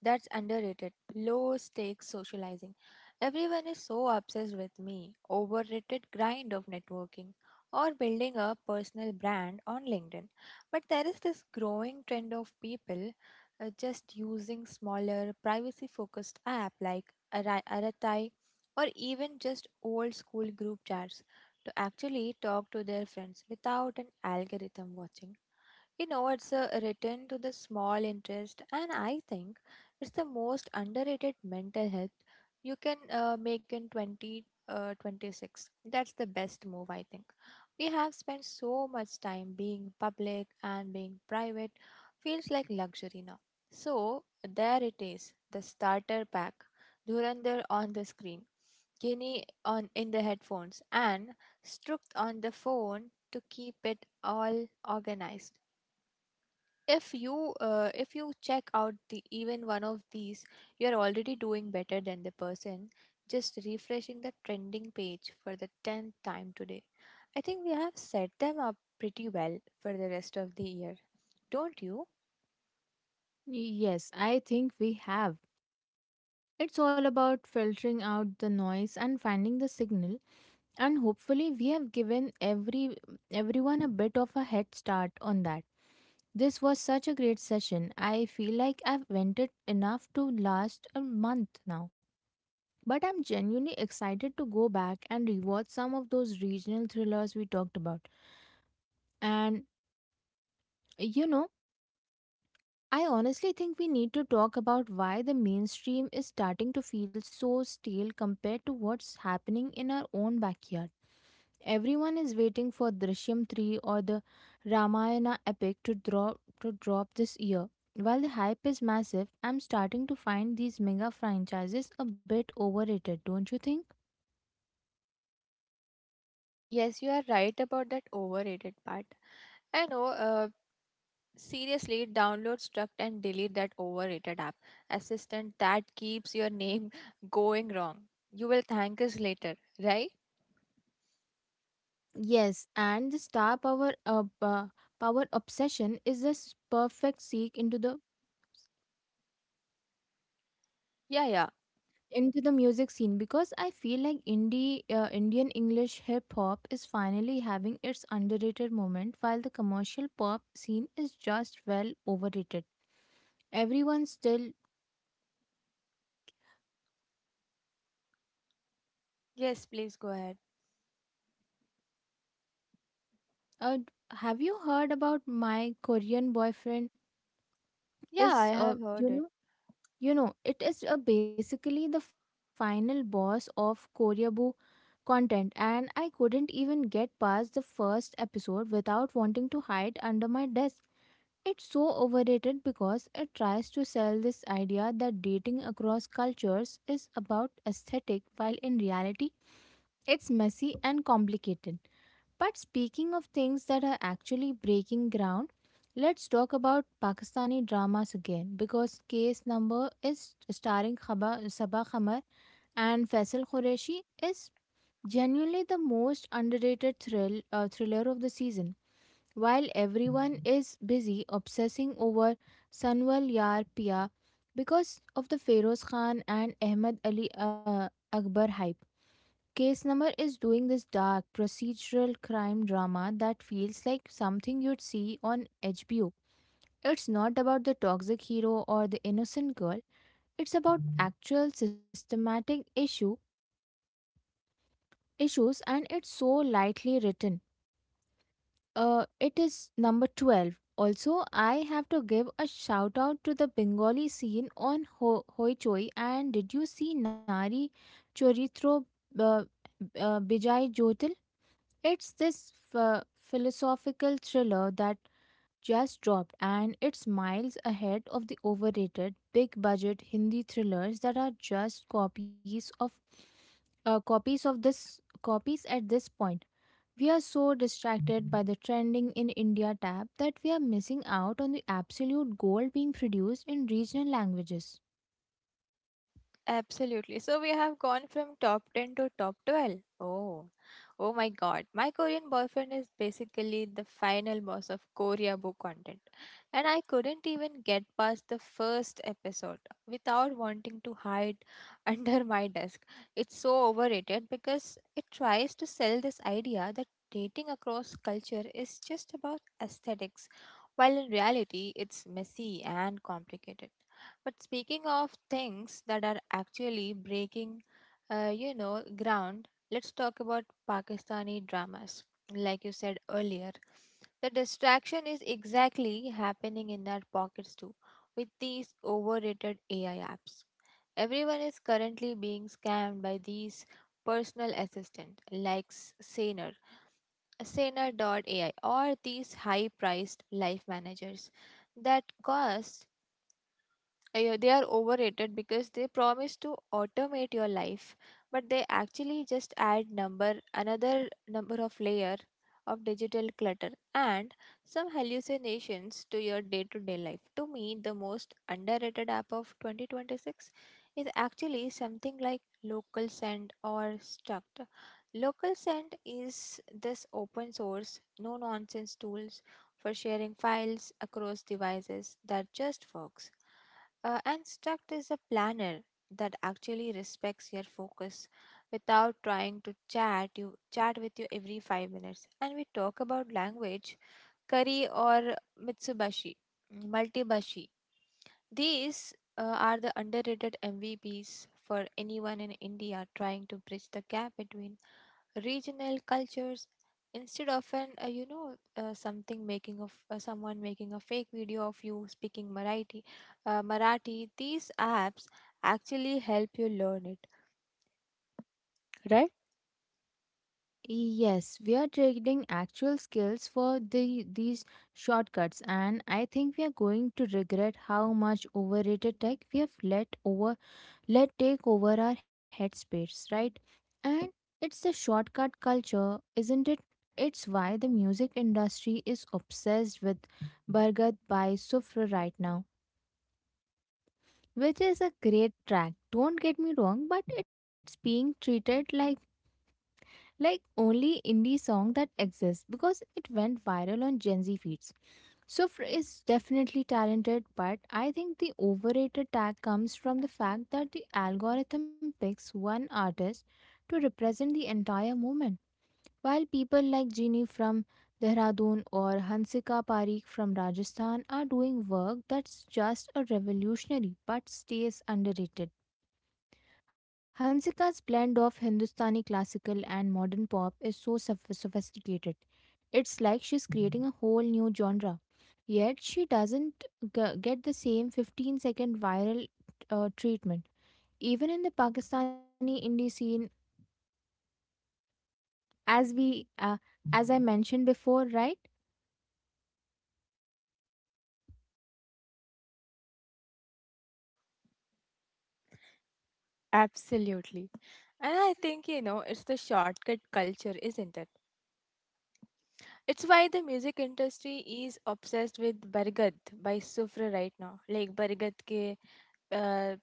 that's underrated low stakes socializing. Everyone is so obsessed with me, overrated grind of networking or building a personal brand on LinkedIn. But there is this growing trend of people uh, just using smaller privacy focused app like Ara- Aratai or even just old school group chats to actually talk to their friends without an algorithm watching. You know, it's a return to the small interest, and I think it's the most underrated mental health you can uh, make in twenty, uh, twenty-six. That's the best move, I think. We have spent so much time being public, and being private feels like luxury now. So, there it is, the starter pack, Dhurandhar on the screen, guinea on in the headphones, and Strook on the phone to keep it all organized. If you uh, if you check out the even one of these, you are already doing better than the person just refreshing the trending page for the tenth time today. I think we have set them up pretty well for the rest of the year, don't you? Yes, I think we have. It's all about filtering out the noise and finding the signal, and hopefully we have given every everyone a bit of a head start on that. This was such a great session. I feel like I've vented enough to last a month now, but I'm genuinely excited to go back and rewatch some of those regional thrillers we talked about. And you know I honestly think we need to talk about why the mainstream is starting to feel so stale compared to what's happening in our own backyard. Everyone is waiting for Drishyam three or the Ramayana epic to drop to drop this year. While the hype is massive, I'm starting to find these mega franchises a bit overrated, don't you think? Yes, you are right about that overrated part. I know uh, Seriously, download, struct, and delete that overrated app assistant that keeps your name going wrong. You will thank us later, right? Yes, and the star power uh, uh, power obsession is a s- perfect seek into the Yeah, yeah. into the music scene because I feel like indie uh, Indian English hip hop is finally having its underrated moment, while the commercial pop scene is just, well, overrated. Everyone still Yes, please go ahead. uh, have you heard about my Korean boyfriend? Yeah, I Is have uh, heard you it. know you know it is uh, basically the final boss of Koreabu content, and I couldn't even get past the first episode without wanting to hide under my desk. It's so overrated because it tries to sell this idea that dating across cultures is about aesthetic, while in reality, it's messy and complicated. But speaking of things that are actually breaking ground, let's talk about Pakistani dramas again, because Case Number is starring Khaba, Sabah Khamar and Faisal Qureshi. Is genuinely the most underrated thrill uh, thriller of the season. While everyone is busy obsessing over Sanwal Yar Pia because of the Feroz Khan and Ahmad Ali uh, Akbar hype, Case Number is doing this dark procedural crime drama that feels like something you'd see on H B O. It's not about the toxic hero or the innocent girl, it's about actual systematic issue issues, and it's so lightly written. Uh, it is number twelve. Also, I have to give a shout out to the Bengali scene on Ho- Hoichoi. And did you see Nari Choritro uh, uh, Bijay Jotil? It's this ph- philosophical thriller that just dropped, and it's miles ahead of the overrated big budget Hindi thrillers that are just copies of uh, copies of this copies at this point. We are so distracted by the trending in India tab that we are missing out on the absolute gold being produced in regional languages. Absolutely. So we have gone from top ten to top twelve. Oh, oh my god. My Korean boyfriend is basically the final boss of Korea book content. And I couldn't even get past the first episode without wanting to hide under my desk. It's so overrated because it tries to sell this idea that dating across culture is just about aesthetics, while in reality, it's messy and complicated. But speaking of things that are actually breaking, uh, you know, ground, let's talk about Pakistani dramas. Like you said earlier, the distraction is exactly happening in our pockets too, with these overrated A I apps. Everyone is currently being scammed by these personal assistant like S- Saner, A I, or these high-priced life managers that cost uh, they are overrated because they promise to automate your life, but they actually just add number another number of layer of digital clutter and some hallucinations to your day-to-day life. To me, the most underrated app of twenty twenty-six is actually something like local send or struct. Local send is this open source no nonsense tool for sharing files across devices that just works. Uh, and Struct is a planner that actually respects your focus without trying to chat you chat with you every five minutes. And we talk about language curry or mitsubashi multibashi. These uh, are the underrated M V Ps for anyone in India trying to bridge the gap between regional cultures, instead of an uh, you know uh, something making of uh, someone making a fake video of you speaking marathi, uh, marathi. These apps actually help you learn it, right Right? Yes, we are trading actual skills for the, these shortcuts, and I think we are going to regret how much overrated tech we have let over let take over our headspace, right? And it's the shortcut culture, isn't it? It's why the music industry is obsessed with Bargat by Sufra right now, which is a great track, don't get me wrong, but it's being treated like like only indie song that exists because it went viral on Gen Z feeds. Sufr is definitely talented, but I think the overrated tag comes from the fact that the algorithm picks one artist to represent the entire movement, while people like Genie from Dehradun or Hansika Parikh from Rajasthan are doing work that's just a revolutionary but stays underrated. Hansika's blend of Hindustani classical and modern pop is so soph- sophisticated. It's like she's creating a whole new genre. Yet she doesn't g- get the same fifteen second viral uh, treatment. Even in the Pakistani indie scene, as we uh, as I mentioned before, right? Absolutely. And I think, you know, it's the shortcut culture, isn't it? It's why the music industry is obsessed with Bargat by Sufra right now. Like Bargat ke uh,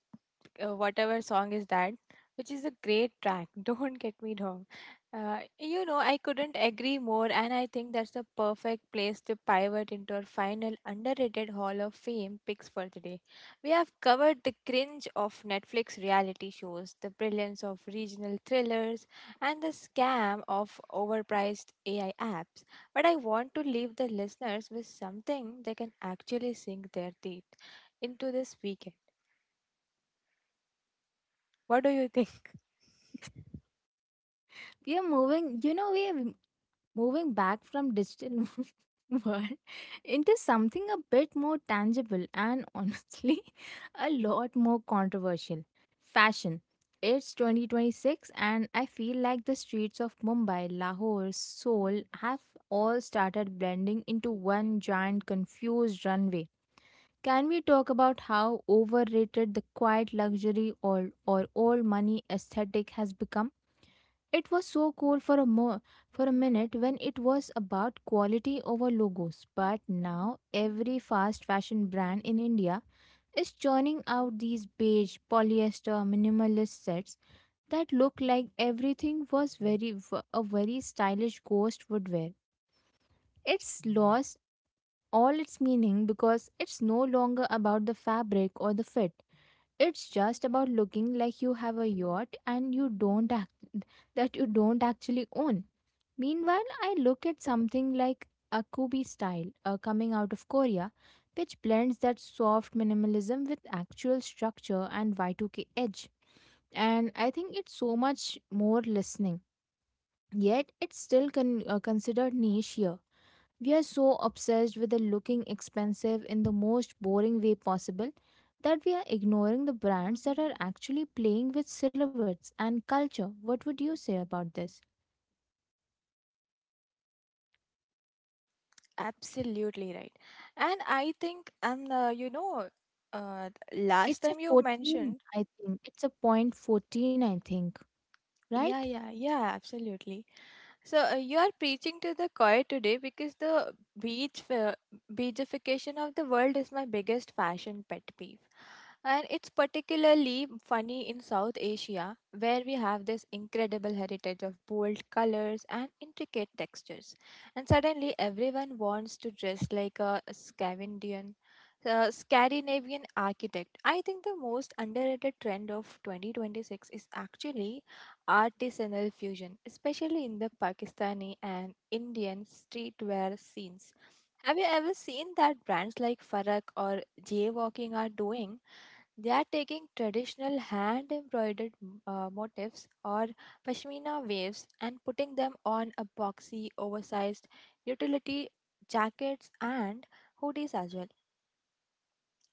uh, whatever song is that, which is a great track. Don't get me wrong. Uh, you know, I couldn't agree more, and I think that's the perfect place to pivot into our final underrated Hall of Fame picks for today. We have covered the cringe of Netflix reality shows, the brilliance of regional thrillers, and the scam of overpriced A I apps. But I want to leave the listeners with something they can actually sink their teeth into this weekend. What do you think? We are moving. You know, we are moving back from digital world into something a bit more tangible and, honestly, a lot more controversial. Fashion, it's twenty twenty-six, and I feel like the streets of Mumbai, Lahore, Seoul have all started blending into one giant confused runway. Can we talk about how overrated the quiet luxury or, or old money aesthetic has become? It was so cool for a mo- for a minute when it was about quality over logos, but now every fast fashion brand in India is churning out these beige polyester minimalist sets that look like everything was very a very stylish ghost would wear. It's lost all its meaning because it's no longer about the fabric or the fit. It's just about looking like you have a yacht and you don't act- that you don't actually own. Meanwhile, I looked at something like Akubi style uh, coming out of Korea, which blends that soft minimalism with actual structure and Y two K edge. And I think it's so much more listening. Yet, it's still con- uh, considered niche here. We are so obsessed with the looking expensive in the most boring way possible that we are ignoring the brands that are actually playing with silhouettes and culture. What would you say about this? Absolutely right. And I think, and uh, you know, uh, last It's a time you fourteen, mentioned. I think. It's a point fourteen, I think, Yeah, right? yeah, yeah, absolutely. So uh, you are preaching to the choir today, because the beach fe- beachification of the world is my biggest fashion pet peeve. And it's particularly funny in South Asia where we have this incredible heritage of bold colors and intricate textures. And suddenly everyone wants to dress like a Scandinavian uh, Scandinavian architect. I think the most underrated trend of twenty twenty-six is actually artisanal fusion, especially in the Pakistani and Indian streetwear scenes. Have you ever seen that brands like Farak or Jaywalking are doing? They are taking traditional hand embroidered uh, motifs or pashmina waves and putting them on a boxy, oversized utility jackets and hoodies as well.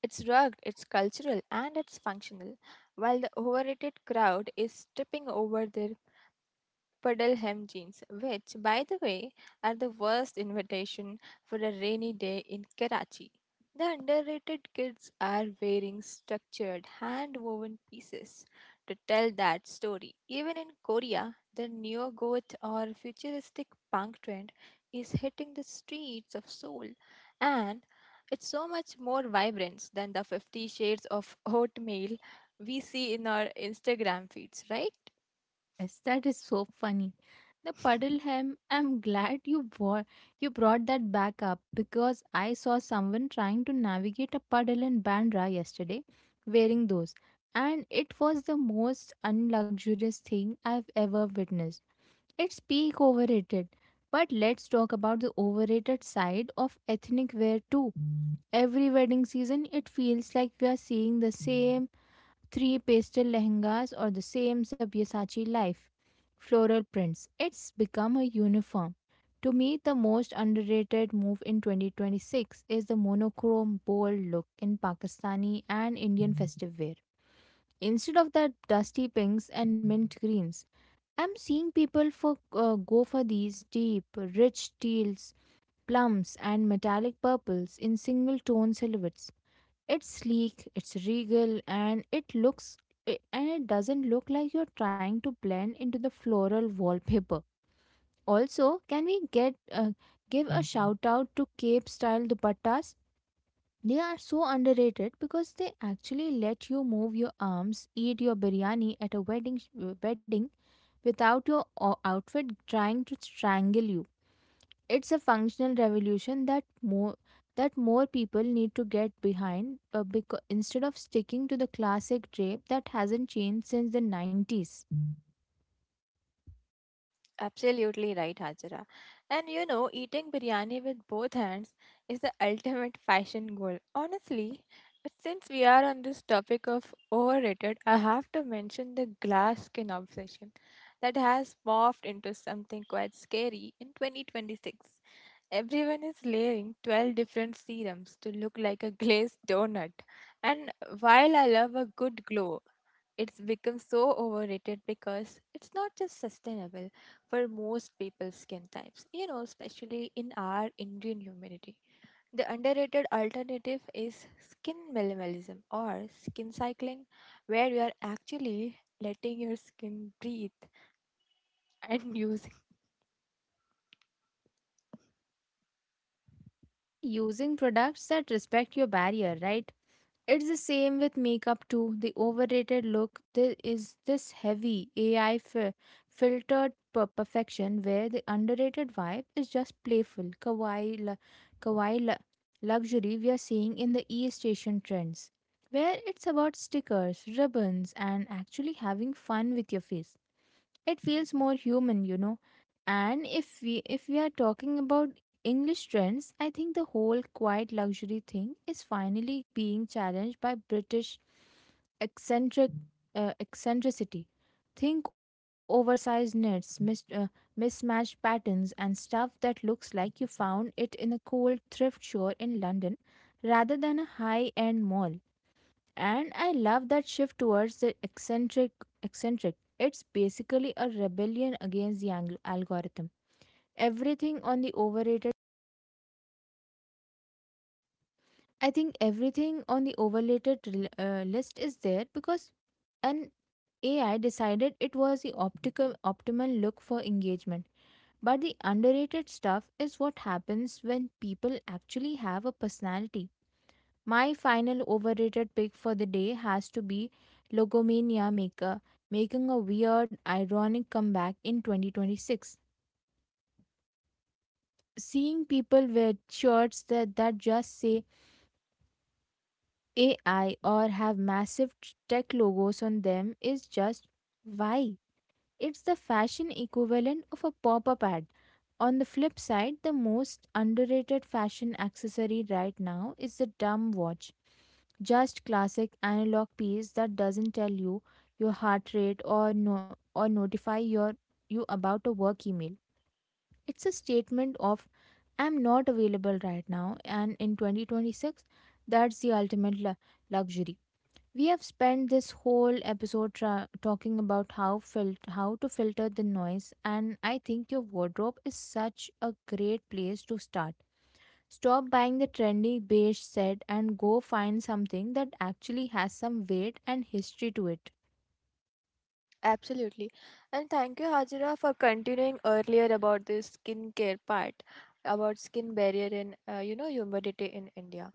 It's rugged, it's cultural, and it's functional, while the overrated crowd is tripping over their Puddleham jeans, which, by the way, are the worst invitation for a rainy day in Karachi. The underrated kids are wearing structured, hand woven pieces to tell that story. Even in Korea, the neo goth or futuristic punk trend is hitting the streets of Seoul, and it's so much more vibrant than the fifty shades of oatmeal we see in our Instagram feeds, right? Yes, that is so funny. The puddle hem, I'm glad you brought you brought that back up, because I saw someone trying to navigate a puddle in Bandra yesterday wearing those, and it was the most unluxurious thing I've ever witnessed. It's peak overrated. But let's talk about the overrated side of ethnic wear too. Every wedding season, it feels like we are seeing the same three pastel lehengas or the same Sabyasachi life. Floral prints. It's become a uniform. To me, the most underrated move in twenty twenty-six is the monochrome bold look in Pakistani and Indian festive wear. Instead of the dusty pinks and mint greens, I'm seeing people for uh, go for these deep, rich teals, plums, and metallic purples in single tone silhouettes. It's sleek, it's regal, and it looks i- and it doesn't look like you're trying to blend into the floral wallpaper. Also, can we get uh, give a shout out to cape style dupattas? They are so underrated because they actually let you move your arms, eat your biryani at a wedding sh- wedding without your o- outfit trying to strangle you. It's a functional revolution that more that more people need to get behind, uh, because instead of sticking to the classic drape that hasn't changed since the nineties. Absolutely right, Hajira. And you know, eating biryani with both hands is the ultimate fashion goal. Honestly, but since we are on this topic of overrated, I have to mention the glass skin obsession that has morphed into something quite scary in twenty twenty-six. Everyone is layering twelve different serums to look like a glazed donut. And while I love a good glow, it's become so overrated because it's not just sustainable for most people's skin types, you know, especially in our Indian humidity. The underrated alternative is skin minimalism or skin cycling, where you are actually letting your skin breathe and use. And using products that respect your barrier, right? It's the same with makeup too. The overrated look there is this heavy A I fi- filtered per- perfection, where the underrated vibe is just playful, kawaii, lu- kawaii lu- luxury we are seeing in the e station trends, where it's about stickers, ribbons, and actually having fun with your face. It feels more human, you know. And if we if we are talking about English trends, I think the whole quiet luxury thing is finally being challenged by British eccentric uh, eccentricity. Think oversized knits, mis- uh, mismatched patterns, and stuff that looks like you found it in a cool thrift store in London, rather than a high end mall. And I love that shift towards the eccentric. Eccentric. It's basically a rebellion against the ang- algorithm. Everything on the overrated. I think everything on the overrated rel- uh, list is there because an A I decided it was the optical optimal look for engagement. But the underrated stuff is what happens when people actually have a personality. My final overrated pick for the day has to be Logomania Maker, making a weird, ironic comeback in twenty twenty-six. Seeing people wear shirts that, that just say A I or have massive t- tech logos on them is just why? It's the fashion equivalent of a pop up ad. On the flip side, the most underrated fashion accessory right now is the dumb watch. Just classic analog piece that doesn't tell you your heart rate or no or notify your you about a work email. It's a statement of I'm not available right now, and in twenty twenty-six, that's the ultimate lu- luxury. We have spent this whole episode tra- talking about how fil- how to filter the noise, and I think your wardrobe is such a great place to start. Stop buying the trendy beige set and go find something that actually has some weight and history to it. Absolutely. And thank you, Hajira, for continuing earlier about the skincare part, about skin barrier and, uh, you know, humidity in India.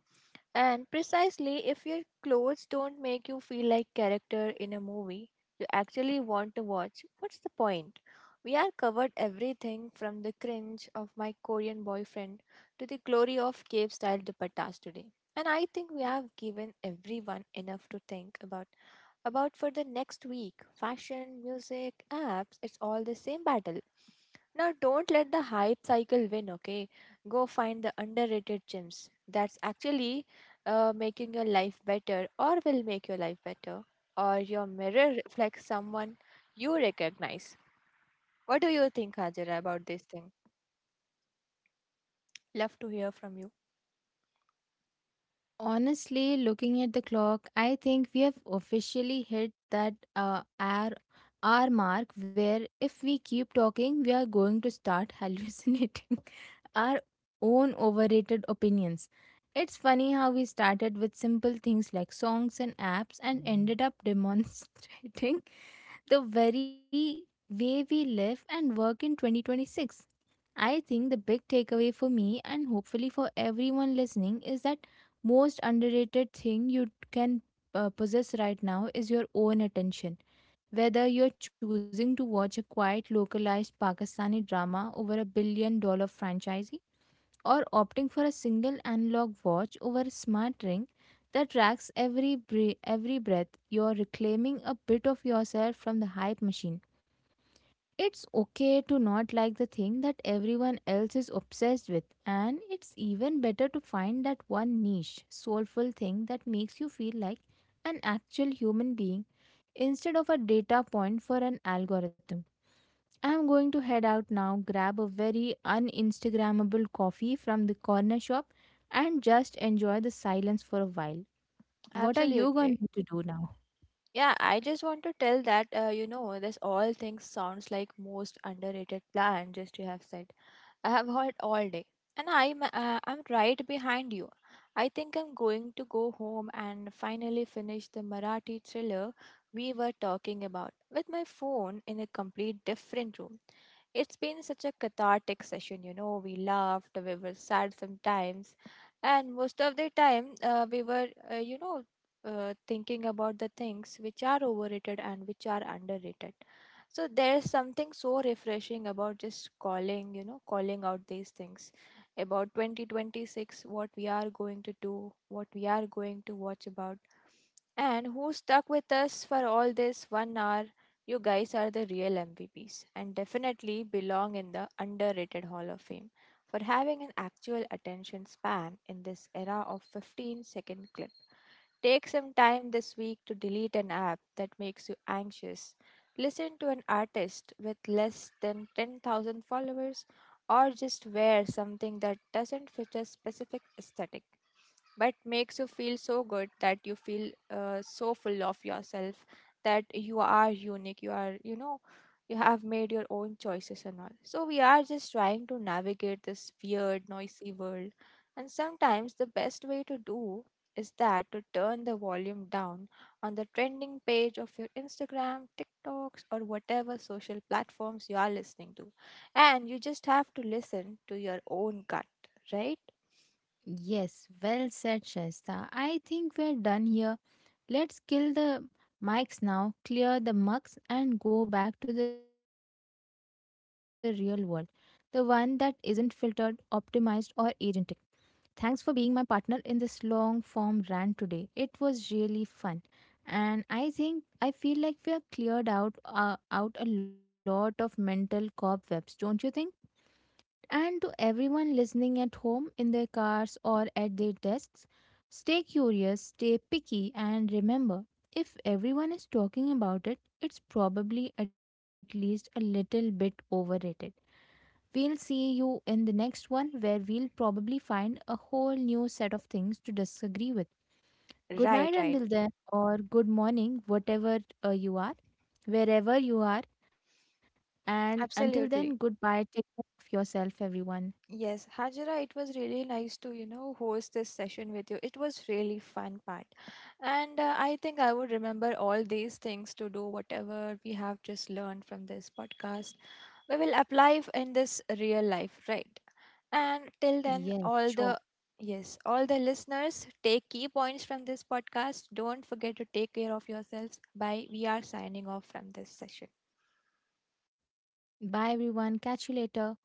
And precisely, if your clothes don't make you feel like character in a movie you actually want to watch, what's the point? We are covered everything from the cringe of my Korean boyfriend to the glory of cave style dupattas today. And I think we have given everyone enough to think about about for the next week. Fashion, music, apps, it's all the same battle. Now, don't let the hype cycle win, okay? Go find the underrated gems that's actually uh, making your life better, or will make your life better, or your mirror reflects someone you recognize. What do you think, Hajira, about this thing? Love to hear from you. Honestly, looking at the clock, I think we have officially hit that uh, hour, hour mark where if we keep talking, we are going to start hallucinating our own overrated opinions. It's funny how we started with simple things like songs and apps and ended up demonstrating the very way we live and work in twenty twenty-six. I think the big takeaway for me, and hopefully for everyone listening, is that most underrated thing you can uh, possess right now is your own attention. Whether you're choosing to watch a quiet localized Pakistani drama over a billion dollar franchise, or opting for a single analog watch over a smart ring that tracks every bre- every breath, you're reclaiming a bit of yourself from the hype machine. It's okay to not like the thing that everyone else is obsessed with, and it's even better to find that one niche, soulful thing that makes you feel like an actual human being, instead of a data point for an algorithm. I'm going to head out now, grab a very uninstagrammable coffee from the corner shop, and just enjoy the silence for a while. What are you going Absolutely. to do now? Yeah, I just want to tell that, uh, you know, this all things sounds like most underrated plan just you have said. I have heard all day, and I'm uh, I'm right behind you. I think I'm going to go home and finally finish the Marathi thriller we were talking about, with my phone in a complete different room. It's been such a cathartic session, you know. We laughed, we were sad sometimes, and most of the time uh, we were, uh, you know, uh, thinking about the things which are overrated and which are underrated. So there's something so refreshing about just calling, you know, calling out these things about twenty twenty-six, what we are going to do, what we are going to watch about, and who stuck with us for all this one hour. You guys are the real M V Ps and definitely belong in the underrated Hall of Fame for having an actual attention span in this era of fifteen second clips. Take some time this week to delete an app that makes you anxious. Listen to an artist with less than ten thousand followers, or just wear something that doesn't fit a specific aesthetic but makes you feel so good that you feel uh, so full of yourself, that you are unique, you are, you know, you have made your own choices and all. So we are just trying to navigate this weird noisy world, and sometimes the best way to do is that to turn the volume down on the trending page of your Instagram, TikToks, or whatever social platforms you are listening to. And you just have to listen to your own gut, right? Yes, well said, Shaista. I think we're done here. Let's kill the mics now, clear the mucks, and go back to the real world. The one that isn't filtered, optimized, or agentic. Thanks for being my partner in this long form rant today. It was really fun. And I think I feel like we are cleared out uh, out a lot of mental cobwebs, don't you think? And to everyone listening at home, in their cars, or at their desks, stay curious, stay picky, and remember, if everyone is talking about it, it's probably at least a little bit overrated. We'll see you in the next one, where we'll probably find a whole new set of things to disagree with. Good Right, night right. until then, or good morning, whatever uh, you are, wherever you are. And until then, Absolutely. goodbye. Take care of yourself, everyone. Yes, Hajira, it was really nice to, you know, host this session with you. It was really fun part. And uh, I think I would remember all these things to do whatever we have just learned from this podcast. We will apply f- in this real life, right? And till then, Yes, all the, sure. yes, all the listeners take key points from this podcast. Don't forget to take care of yourselves. Bye. We are signing off from this session. Bye, everyone. Catch you later.